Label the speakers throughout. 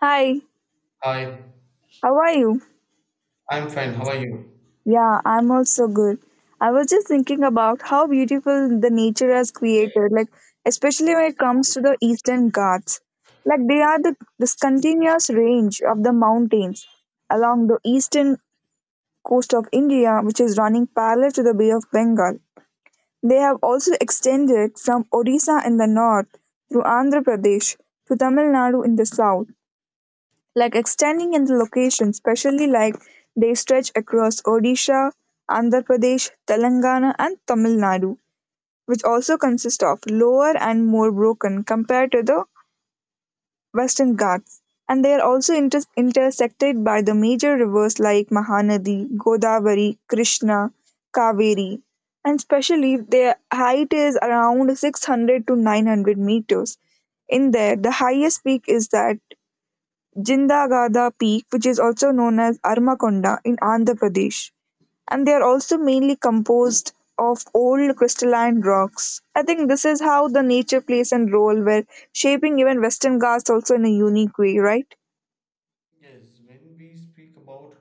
Speaker 1: Hi,
Speaker 2: Hi,
Speaker 1: how are you?
Speaker 2: I'm fine. How are you?
Speaker 1: Yeah, I'm also good. I was just thinking about how beautiful the nature has created, like especially when it comes to the Eastern Ghats. Like they are the this continuous range of the mountains along the eastern coast of India, which is running parallel to the Bay of Bengal. They have also extended from Odisha in the north through Andhra Pradesh to Tamil Nadu in the south, like extending in the location, especially like they stretch across Odisha, Andhra Pradesh, Telangana, and Tamil Nadu, which also consist of lower and more broken compared to the Western Ghats. And they are also intersected by the major rivers like Mahanadi, Godavari, Krishna, Kaveri. And especially their height is around 600 to 900 meters. In there, the highest peak is that Jindagada peak, which is also known as Armakonda in Andhra Pradesh. And they are also mainly composed of old crystalline rocks. I think this is how the nature plays a role where shaping even Western Ghats also in a unique way, right?
Speaker 2: Yes, when we speak about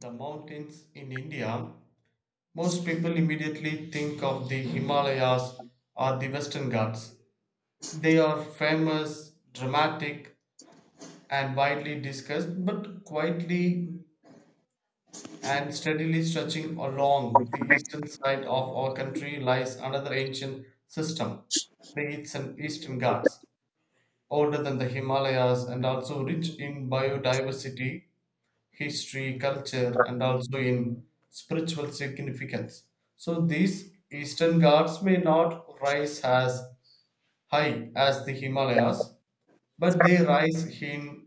Speaker 2: the mountains in India, most people immediately think of the Himalayas or the Western Ghats. They are famous, dramatic, and widely discussed, but quietly and steadily stretching along the eastern side of our country lies another ancient system, the Eastern Ghats, older than the Himalayas and also rich in biodiversity history, culture, and also in spiritual significance. So these Eastern gods may not rise as high as the Himalayas, but they rise in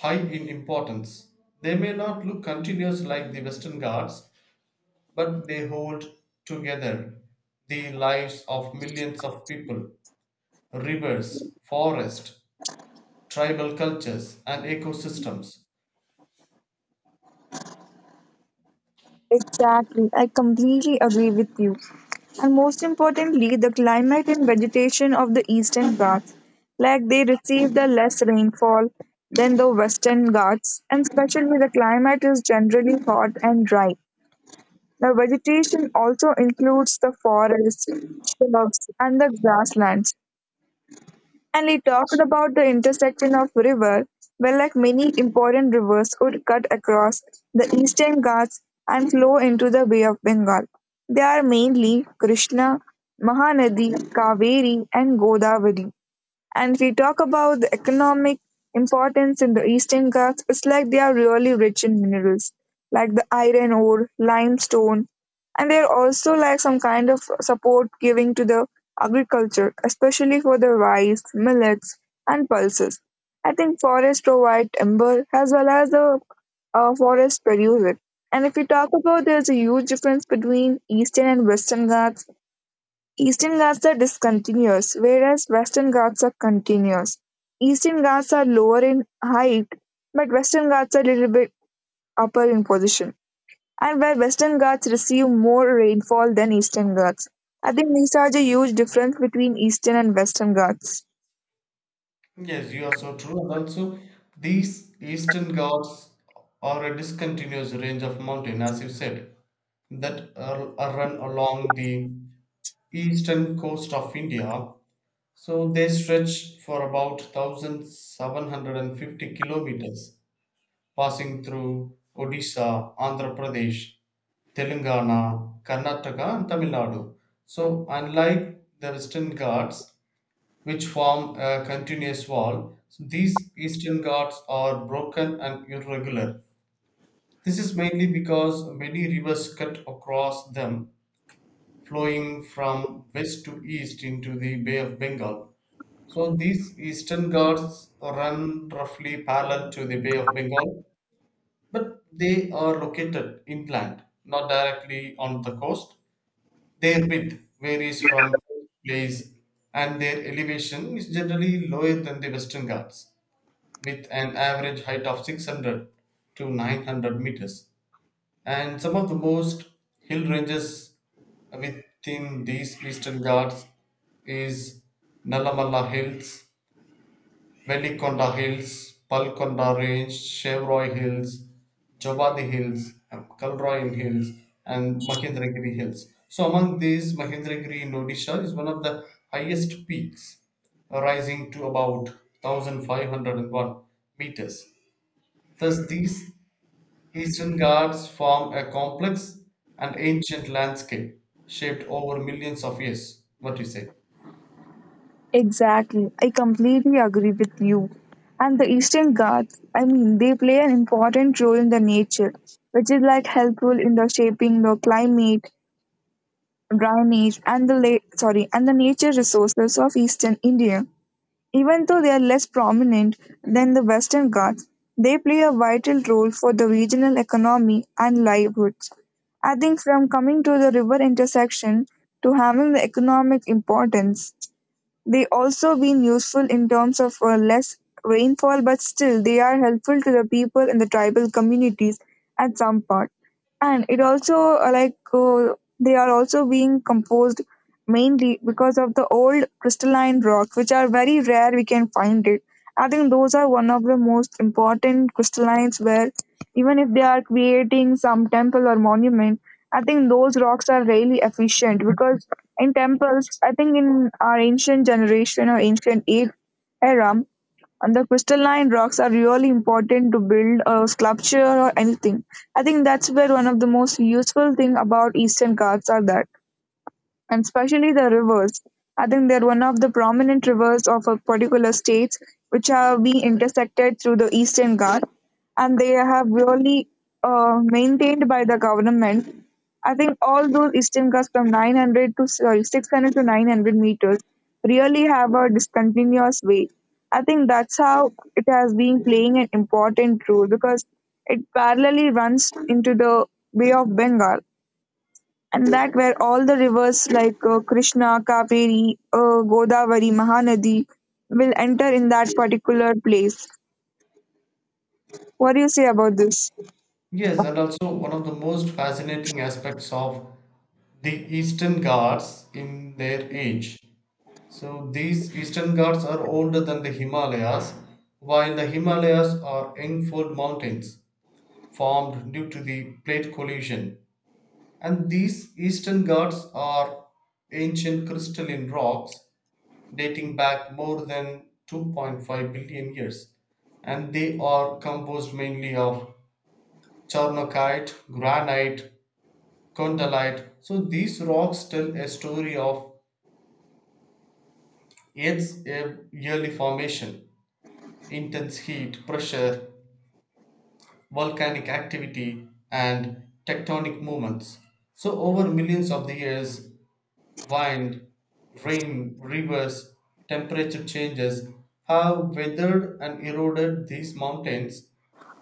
Speaker 2: high in importance. They may not look continuous like the Western gods, but they hold together the lives of millions of people, rivers, forests, tribal cultures, and ecosystems.
Speaker 1: Exactly. I completely agree with you. And most importantly, the climate and vegetation of the Eastern Ghats, like they receive the less rainfall than the Western Ghats, and especially the climate is generally hot and dry. The vegetation also includes the forests, shrubs, and the grasslands. And we talked about the intersection of river, where like many important rivers would cut across the eastern Ghats and flow into the Bay of Bengal. They are mainly Krishna, Mahanadi, Kaveri, and Godavari. And if we talk about the economic importance in the Eastern Ghats, it's like they are really rich in minerals, like the iron ore, limestone, and they're also like some kind of support giving to the agriculture, especially for the rice, millets, and pulses. I think forests provide timber as well as the forests produce it. And if we talk about, there's a huge difference between Eastern and Western Ghats. Eastern Ghats are discontinuous, whereas Western Ghats are continuous. Eastern Ghats are lower in height, but Western Ghats are a little bit upper in position. And where Western Ghats receive more rainfall than Eastern Ghats. I think these are the huge difference between Eastern and Western Ghats.
Speaker 2: Yes, you are so true. And also, these Eastern Ghats are a discontinuous range of mountain, as you said, that are run along the eastern coast of India. So they stretch for about 1,750 kilometers, passing through Odisha, Andhra Pradesh, Telangana, Karnataka, and Tamil Nadu. So, unlike the Western Ghats, which form a continuous wall. So these eastern Ghats are broken and irregular. This is mainly because many rivers cut across them, flowing from west to east into the Bay of Bengal. So these eastern Ghats run roughly parallel to the Bay of Bengal, but they are located inland, not directly on the coast. Their width varies from place and their elevation is generally lower than the Western Ghats, with an average height of 600 to 900 meters. And some of the most hill ranges within these Eastern Ghats is Nalamalla Hills, Velikonda Hills, Palkonda Range, Chevroy Hills, Jobadi Hills, Kalroyan Hills, and Mahendragiri Hills. So among these, Mahendragiri in Odisha is one of the highest peaks, rising to about 1501 meters. Thus, these Eastern Ghats form a complex and ancient landscape shaped over millions of years. What do you say?
Speaker 1: Exactly. I completely agree with you. And the Eastern Ghats, I mean, they play an important role in the nature, which is like helpful in the shaping the climate drainage and the la- sorry and the nature resources of eastern india, even though they are less prominent than the western ghats. They play a vital role for the regional economy and livelihoods. I think from coming to the river intersection to having the economic importance, they also been useful in terms of less rainfall, but still they are helpful to the people in the tribal communities at some part. And it also they are also being composed mainly because of the old crystalline rocks, which are very rare we can find it. I think those are one of the most important crystallines where, even if they are creating some temple or monument, I think those rocks are really efficient because in temples, I think in our ancient generation or ancient age era, and the crystalline rocks are really important to build a sculpture or anything. I think that's where one of the most useful thing about Eastern cards are that, and especially the rivers. I think they're one of the prominent rivers of a particular state which have been intersected through the Eastern Ghats, and they have really maintained by the government. I think all those Eastern Ghats from 900 to sorry 600 to 900 meters really have a discontinuous way. I think that's how it has been playing an important role because it parallelly runs into the Bay of Bengal, and that where all the rivers like Krishna, Kaveri, Godavari, Mahanadi will enter in that particular place. What do you say about this?
Speaker 2: Yes, and also one of the most fascinating aspects of the Eastern Ghats in their age. So these Eastern Ghats are older than the Himalayas, while the Himalayas are Engfold mountains formed due to the plate collision. And these Eastern Ghats are ancient crystalline rocks dating back more than 2.5 billion years, and they are composed mainly of chornokite, granite, condylite. So these rocks tell a story of early formation, intense heat, pressure, volcanic activity, and tectonic movements. So over millions of the years, wind, rain, rivers, temperature changes have weathered and eroded these mountains,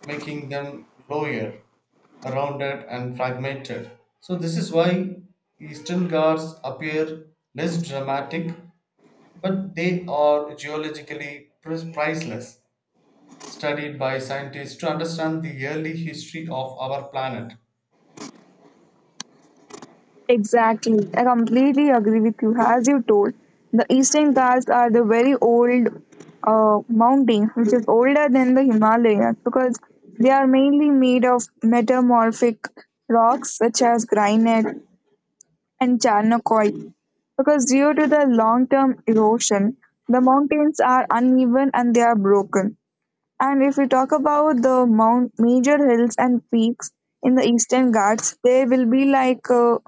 Speaker 2: making them lower, rounded, and fragmented. So, this is why Eastern Ghats appear less dramatic, but they are geologically priceless, studied by scientists to understand the early history of our planet.
Speaker 1: Exactly, I completely agree with you. As you told, the Eastern Ghats are the very old mountain, which is older than the Himalayas, because they are mainly made of metamorphic rocks such as granite, and Charnokoye. Because due to the long term erosion, the mountains are uneven and they are broken. And if we talk about the mount major hills and peaks in the Eastern Ghats, they will be like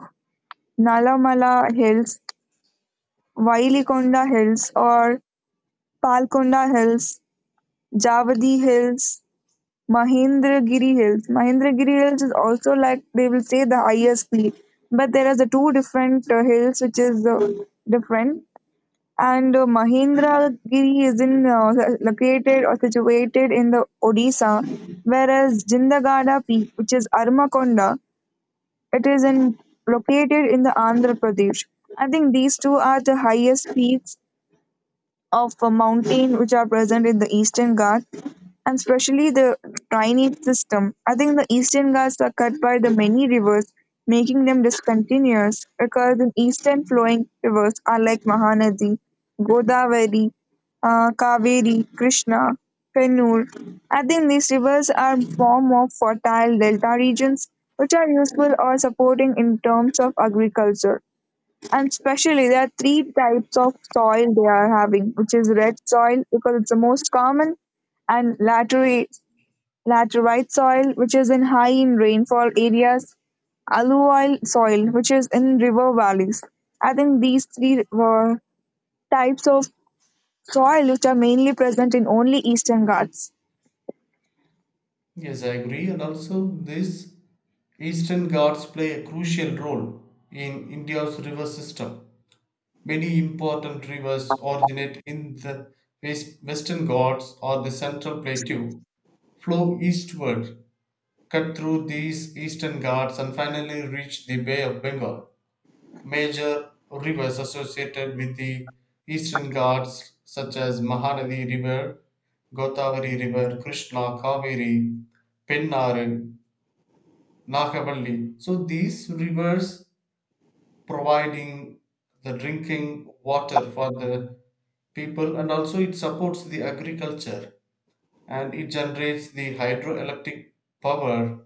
Speaker 1: Nalamala Hills, Wailikonda Hills, or Palkonda Hills, Javadi Hills, Mahendragiri Hills. Mahendragiri Hills is also like they will say the highest peak, but there are the two different hills which is different. And Mahendragiri is in located or situated in the Odisha, whereas Jindagada Peak, which is Armakonda, it is in located in the Andhra Pradesh. I think these two are the highest peaks of a mountain which are present in the Eastern Ghats, and especially the drainage system. I think the Eastern Ghats are cut by the many rivers, making them discontinuous because the eastern flowing rivers are like Mahanadi, Godavari, Kaveri, Krishna, Kannur. I think these rivers are form of fertile delta regions which are useful or supporting in terms of agriculture. And especially there are three types of soil they are having, which is red soil because it's the most common, and laterite soil, which is in high in rainfall areas, alluvial soil, which is in river valleys. I think these three were types of soil which are mainly present in only eastern Ghats.
Speaker 2: Yes, I agree. And also, these Eastern Ghats play a crucial role in India's river system. Many important rivers originate in the Western Ghats or the Central Plateau, flow eastward, cut through these Eastern Ghats, and finally reach the Bay of Bengal. Major rivers associated with the Eastern Ghats, such as Mahanadi River, Godavari River, Krishna, Kaveri, Pennaru, Nakavalli. So these rivers providing the drinking water for the people and also it supports the agriculture and it generates the hydroelectric power,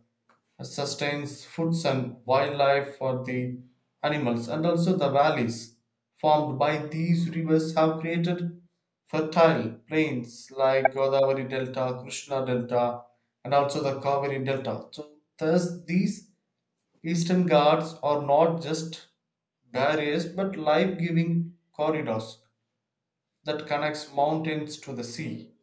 Speaker 2: sustains foods and wildlife for the animals and also the valleys formed by these rivers have created fertile plains like Godavari Delta, Krishna Delta, and also the Kaveri Delta. So thus these Eastern Ghats are not just barriers but life giving corridors that connects mountains to the sea.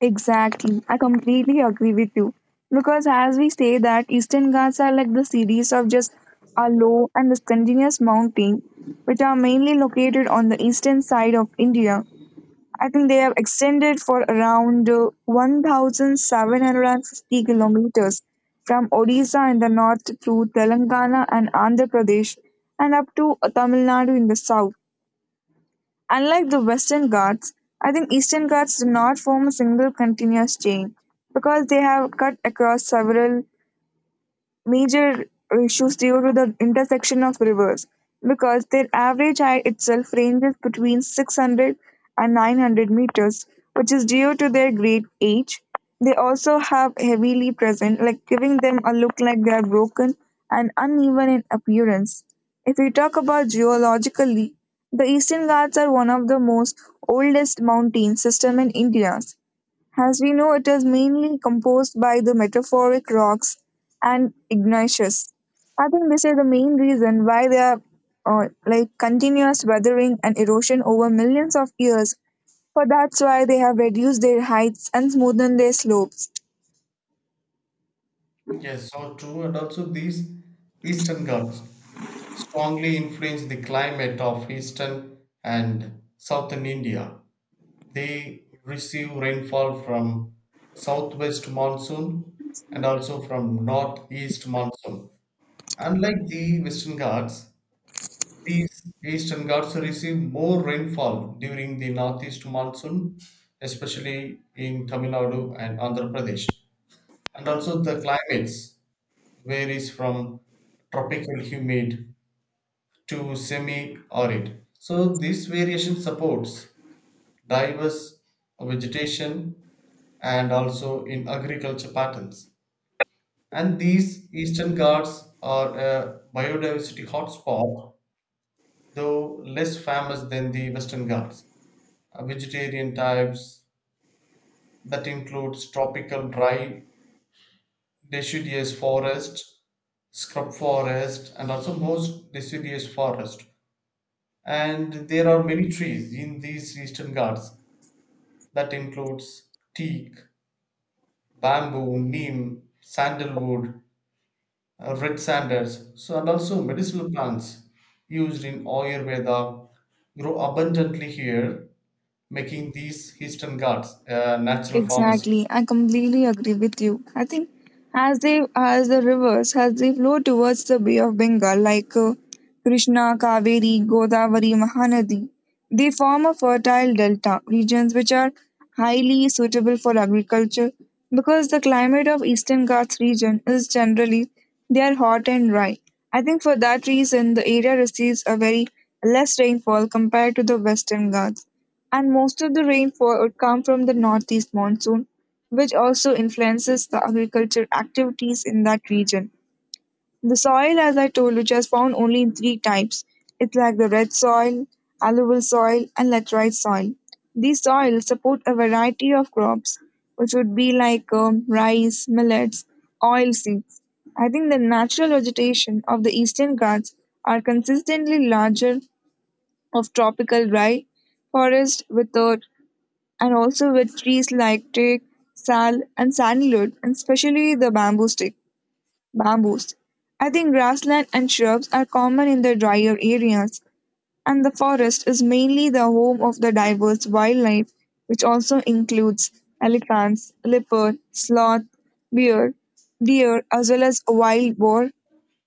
Speaker 1: Exactly. I completely agree with you. Because as we say that Eastern Ghats are like the series of just a low and discontinuous mountain which are mainly located on the eastern side of India. I think they have extended for around 1,750 kilometers from Odisha in the north through Telangana and Andhra Pradesh and up to Tamil Nadu in the south. Unlike the Western Ghats, I think Eastern Ghats do not form a single continuous chain because they have cut across several major issues due to the intersection of rivers, because their average height itself ranges between 600 and 900 meters, which is due to their great age. They also have heavily present, like giving them a look like they are broken and uneven in appearance. If we talk about geologically, the Eastern Ghats are one of the most oldest mountain system in India. As we know, it is mainly composed by the metamorphic rocks and igneous. I think this is the main reason why they are like continuous weathering and erosion over millions of years. For that's why they have reduced their heights and smoothened their slopes.
Speaker 2: Yes, so true. And also, these Eastern Ghats strongly influence the climate of Eastern and Southern India. They receive rainfall from southwest monsoon and also from northeast monsoon. Unlike the Western Ghats, these eastern Ghats receive more rainfall during the northeast monsoon, especially in Tamil Nadu and Andhra Pradesh. And also the climates varies from tropical humid to semi-arid. So this variation supports diverse vegetation and also in agriculture patterns. And these eastern Ghats are a biodiversity hotspot, though less famous than the western Ghats. Vegetarian types that includes tropical dry deciduous forest, scrub forest, and also most deciduous forest. And there are many trees in these eastern ghats that includes teak, bamboo, neem, sandalwood, red sanders, so and also medicinal plants used in Ayurveda grow abundantly here, making these eastern ghats a natural pharmacy.
Speaker 1: Exactly, I completely agree with you. I think as the rivers as they flow towards the Bay of Bengal, like Krishna, Kaveri, Godavari, Mahanadi, they form a fertile delta regions which are highly suitable for agriculture because the climate of Eastern Ghats region is generally they are hot and dry. I think for that reason the area receives a very less rainfall compared to the Western Ghats, and most of the rainfall would come from the northeast monsoon, which also influences the agriculture activities in that region. The soil, as I told, which has found only in three types, it's like the red soil, alluvial soil, and laterite soil. These soils support a variety of crops, which would be like rice, millets, oilseeds. I think the natural vegetation of the eastern Ghats are consistently larger of tropical dry forest with a and also with trees like teak, sal, and sandalwood, and especially bamboos. I think grassland and shrubs are common in the drier areas, and the forest is mainly the home of the diverse wildlife, which also includes elephants, leopard, sloth, bear, deer, as well as wild boar,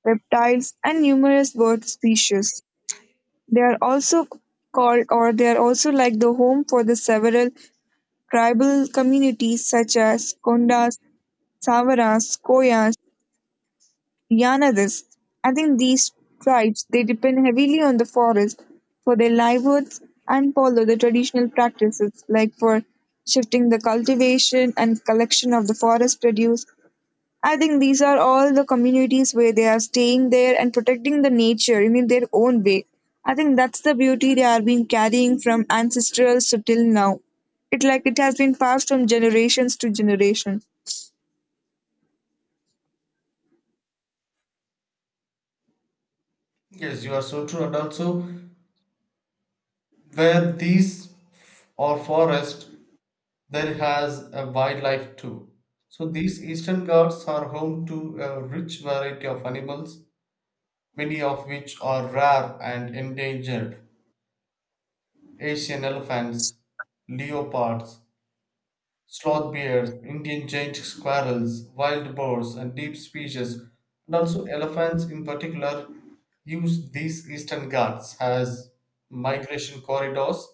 Speaker 1: reptiles, and numerous bird species. They are also called, or they are also like the home for the several Tribal communities such as Kondas, Savaras, Koyas, Yanadas. I think these tribes they depend heavily on the forest for their livelihoods and follow the traditional practices like for shifting the cultivation and collection of the forest produce. I think these are all the communities where they are staying there and protecting the nature in their own way. I think that's the beauty they are being carrying from ancestrals to till now. It like it has been passed from generations to generations.
Speaker 2: Yes, you are so true. And also, where these are forest, there has a wildlife too. So these eastern Ghats are home to a rich variety of animals, many of which are rare and endangered. Asian elephants, leopards, sloth bears, Indian giant squirrels, wild boars, and deep species, and also elephants in particular, use these eastern ghats as migration corridors.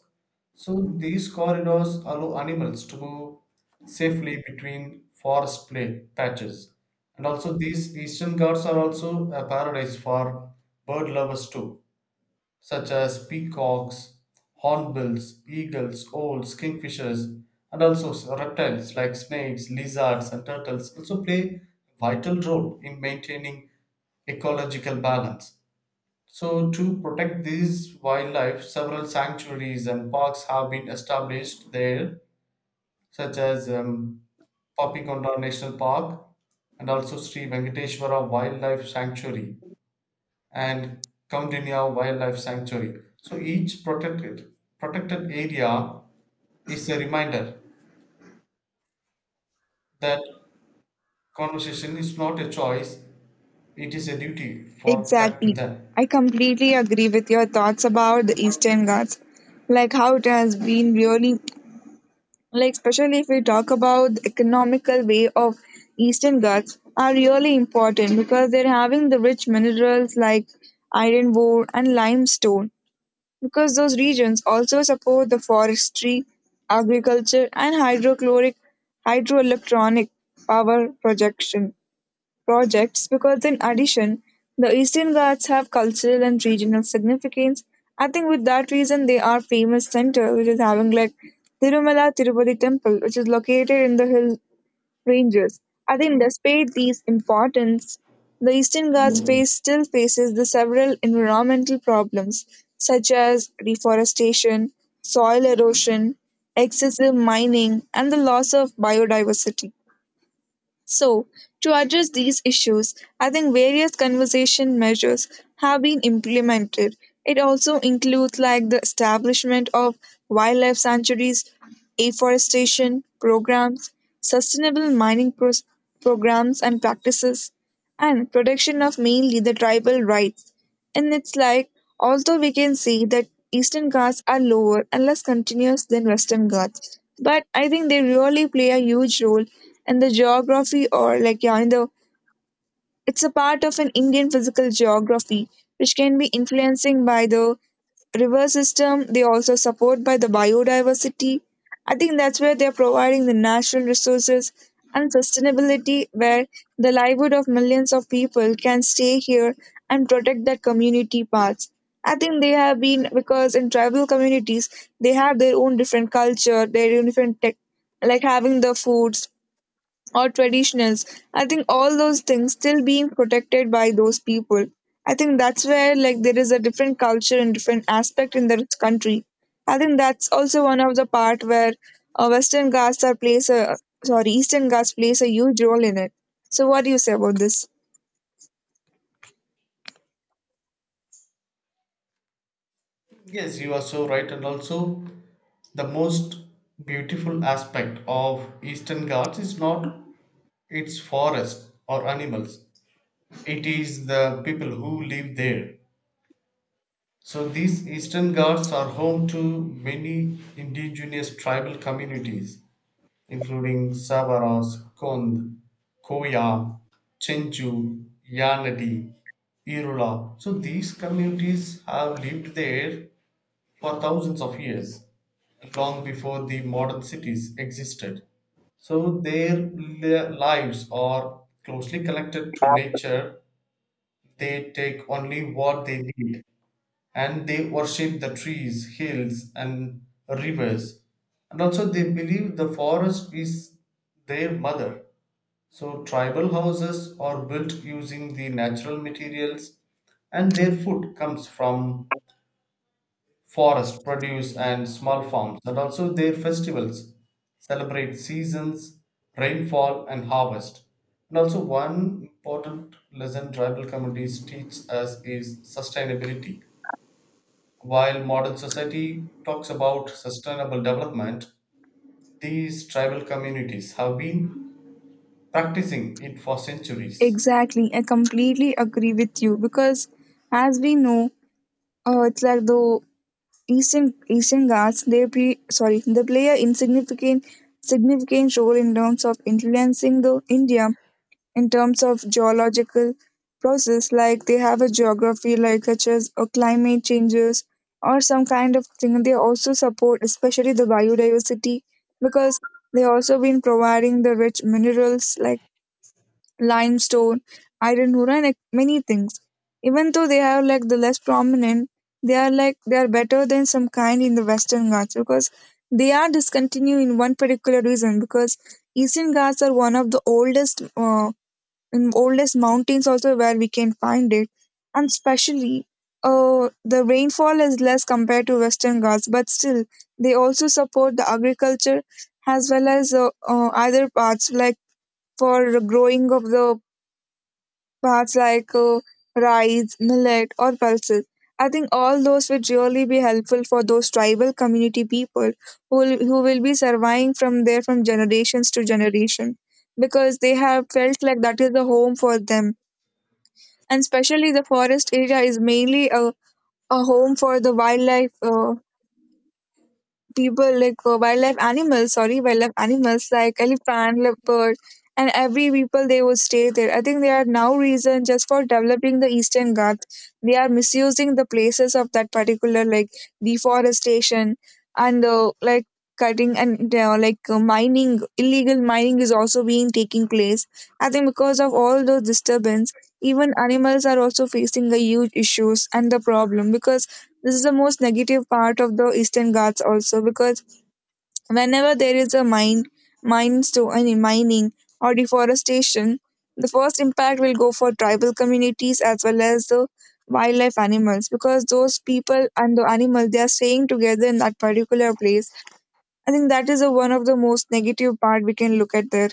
Speaker 2: So these corridors allow animals to move safely between forest play patches. And also these eastern ghats are also a paradise for bird lovers too, such as peacocks, hornbills, eagles, owls, kingfishers, and also reptiles like snakes, lizards, and turtles also play a vital role in maintaining ecological balance. So, to protect these wildlife, several sanctuaries and parks have been established there, such as Papikonda National Park and also Sri Venkateshwara Wildlife Sanctuary and Kamdinya Wildlife Sanctuary. So each protected area is a reminder that conservation is not a choice; it is a duty for protect to
Speaker 1: Exactly.
Speaker 2: them.
Speaker 1: I completely agree with your thoughts about the
Speaker 2: And also-
Speaker 1: Eastern Ghats. Like how it has been really like, especially if we talk about the economical way of eastern ghats are really important because they're having the rich minerals like iron ore and limestone, because those regions also support the forestry agriculture and hydrochloric hydroelectronic power projection projects because, in addition, the Eastern Ghats have cultural and regional significance. I think with that reason, they are famous center, which is having like Tirumala Tirupati Temple, which is located in the hill ranges. I think despite these importance, the Eastern Ghats face still faces the several environmental problems such as deforestation, soil erosion, excessive mining, and the loss of biodiversity. So, to address these issues, I think various conservation measures have been implemented. It also includes like the establishment of wildlife sanctuaries, afforestation programs, sustainable programs and practices, and protection of mainly the tribal rights. And it's like, although we can see that Eastern Ghats are lower and less continuous than Western Ghats, but I think they really play a huge role in the geography or like yeah, in the it's a part of an Indian physical geography, which can be influencing by the river system. They also support by the biodiversity. I think that's where they're providing the natural resources and sustainability, where the livelihood of millions of people can stay here and protect their community parts. I think they have been because in tribal communities they have their own different culture, their own different tech, like having the foods, or traditionals. I think all those things still being protected by those people. I think that's where like there is a different culture and different aspect in this country. I think that's also one of the part where Western Ghats are plays a sorry Eastern Ghats plays a huge role in it. So what do you say about this?
Speaker 2: Yes, you are so right, and also the most beautiful aspect of Eastern Ghats is not its forest or animals, it is the people who live there. So these Eastern Ghats are home to many indigenous tribal communities, including Savaras, Kond, Koya, Chenju, Yanadi, Irula. So these communities have lived there for thousands of years, long before the modern cities existed. So their lives are closely connected to nature. They take only what they need and they worship the trees, hills, and rivers. And also, they believe the forest is their mother. So, tribal houses are built using the natural materials, and their food comes from forest produce and small farms. And also, their festivals celebrate seasons, rainfall, and harvest. And also, one important lesson tribal communities teach us is sustainability. While modern society talks about sustainable development, these tribal communities have been practicing it for centuries.
Speaker 1: Exactly, I completely agree with you because as we know, it's like the Eastern Ghats they play sorry they play a insignificant significant role in terms of influencing the India in terms of geological process like they have a geography like such as climate changes or some kind of thing. They also support especially the biodiversity because they also been providing the rich minerals like limestone, iron ore, and like, many things. Even though they are like the less prominent, they are better than some kind in the Western Ghats because they are discontinued in one particular reason because Eastern Ghats are one of the oldest in oldest mountains also where we can find it, and especially the rainfall is less compared to Western Ghats, but still they also support the agriculture as well as other parts like for growing of the parts like rice, millet, or pulses. I think all those would really be helpful for those tribal community people who will be surviving from there from generations to generation because they have felt like that is the home for them. And especially the forest area is mainly a home for the wildlife people like wildlife animals like elephant, leopard, and every people they would stay there. I think they are now reason just for developing the Eastern Ghats. They are misusing the places of that particular like deforestation and like cutting and mining, illegal mining is also being taking place. I think because of all those disturbance even animals are also facing a huge issues and the problem because this is the most negative part of the Eastern Ghats also because whenever there is a mine, mines to I mean mining or deforestation, the first impact will go for tribal communities as well as the wildlife animals because those people and the animals they are staying together in that particular place. I think that is one of the most negative part we can look at there.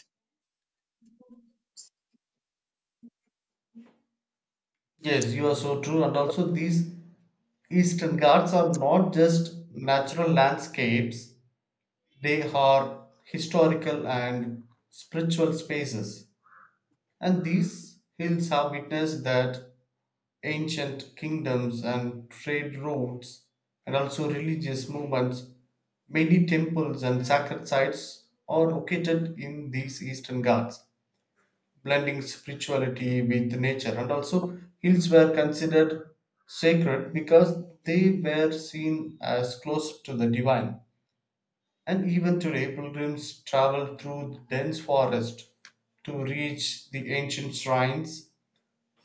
Speaker 2: Yes, you are so true. And also, these Eastern Ghats are not just natural landscapes, they are historical and spiritual spaces. And these hills have witnessed that ancient kingdoms and trade routes, and also religious movements, many temples and sacred sites are located in these eastern ghats, blending spirituality with nature. And also, hills were considered sacred because they were seen as close to the divine. And even today, pilgrims travel through dense forest to reach the ancient shrines,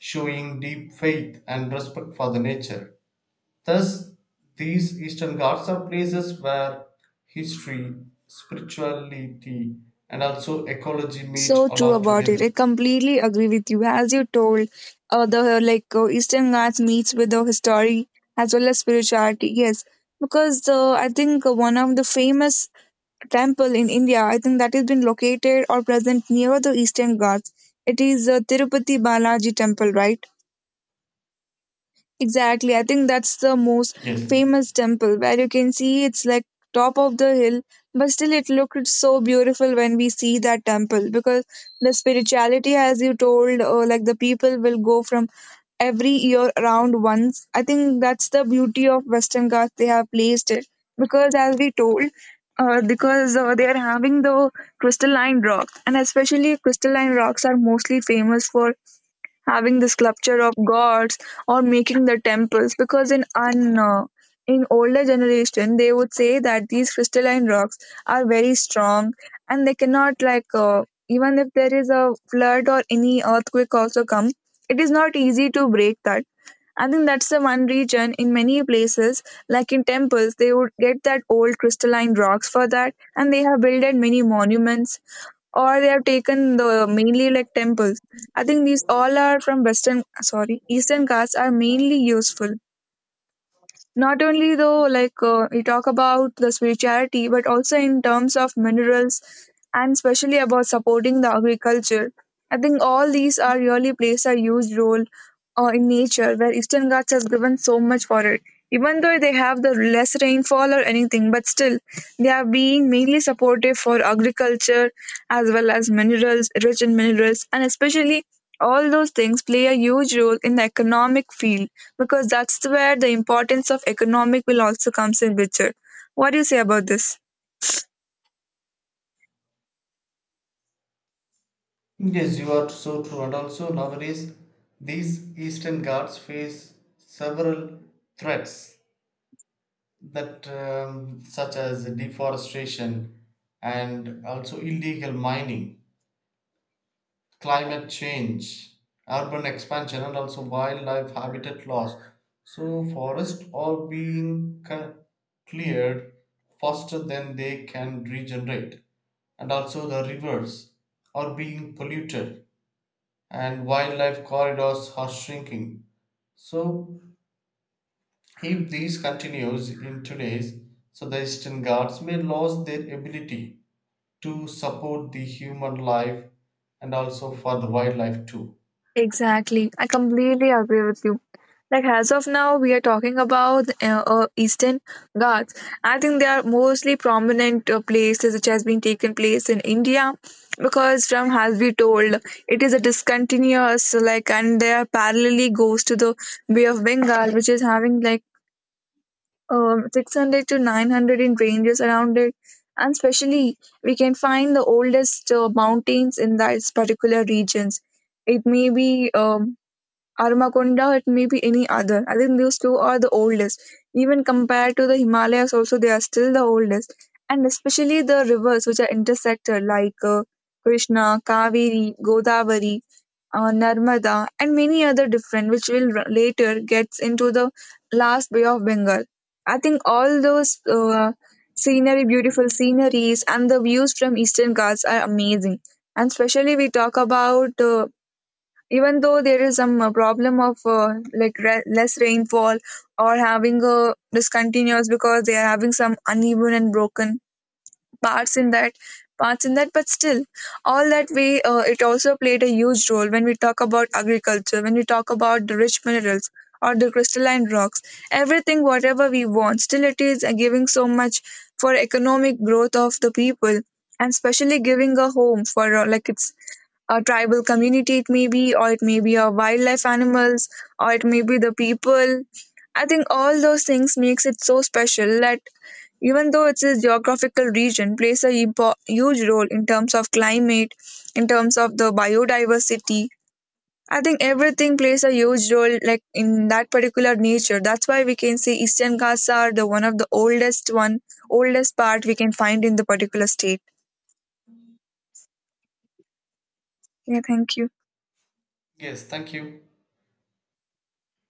Speaker 2: showing deep faith and respect for the nature. Thus, these Eastern Ghats are places where history, spirituality, and also ecology meet
Speaker 1: So true
Speaker 2: along
Speaker 1: about it. I
Speaker 2: together.
Speaker 1: completely agree with you. As you told, the like Eastern Ghats meets with the history as well as spirituality. Yes, because I think one of the famous temple in India, I think that has been located or present near the Eastern Ghats. It is Tirupati Balaji Temple, right? Exactly. I think that's the most
Speaker 2: Yes.
Speaker 1: famous temple where you can see it's like top of the hill, but still it looked so beautiful when we see that temple because the spirituality, as you told, like the people will go from every year around once. I think that's the beauty of Western Ghats. They have placed it because, as we told, because they are having the crystalline rocks, and especially crystalline rocks are mostly famous for having the sculpture of gods or making the temples because in older generation they would say that these crystalline rocks are very strong and they cannot like even if there is a flood or any earthquake also come, it is not easy to break that. I think that's the one region in many places like in temples they would get that old crystalline rocks for that and they have built many monuments or they have taken the mainly like temples. I think these all are from Eastern gods are mainly useful. Not only though, like we talk about the spirituality, but also in terms of minerals and especially about supporting the agriculture. I think all these are really plays a huge role in nature where Eastern Ghats has given so much for it. Even though they have the less rainfall or anything, but still they are being mainly supportive for agriculture as well as minerals, rich in minerals, and especially all those things play a huge role in the economic field because that's where the importance of economic will also comes in picture. What do you say about this?
Speaker 2: Yes, you are so true. And also nowadays, these Eastern Ghats face several threats that, such as deforestation and also illegal mining, climate change, urban expansion, and also wildlife habitat loss. So, forests are being cleared faster than they can regenerate, and also the rivers are being polluted, and wildlife corridors are shrinking. So, if this continues in today's, so the Eastern Ghats may lose their ability to support the human life and also for the wildlife too.
Speaker 1: Exactly. I completely agree with you. Like as of now, we are talking about Eastern Ghats. I think they are mostly prominent places which has been taken place in India because from has been told, it is a discontinuous like and they are parallelly goes to the Bay of Bengal which is having like 600 to 900 in ranges around it. And especially, we can find the oldest mountains in those particular regions. It may be Arumakonda, it may be any other. I think those two are the oldest. Even compared to the Himalayas, also, they are still the oldest. And especially the rivers which are intersected, like Krishna, Kaveri, Godavari, Narmada, and many other different, which will later gets into the last Bay of Bengal. I think all those scenery, beautiful sceneries, and the views from Eastern Ghats are amazing. And especially we talk about even though there is some problem of less rainfall or having a discontinuous because they are having some uneven and broken parts in that parts in that but still all that we it also played a huge role when we talk about agriculture, when we talk about the rich minerals or the crystalline rocks, everything whatever we want still it is giving so much for economic growth of the people and especially giving a home for like it's a tribal community it may be or it may be a wildlife animals or it may be the people. I think all those things makes it so special that even though its geographical region plays a huge role in terms of climate, in terms of the biodiversity, I think everything plays a huge role like in that particular nature. That's why we can say Eastern Ghats are the one of the oldest one, oldest part we can find in the particular state. Yeah, thank you.
Speaker 2: Yes, thank you.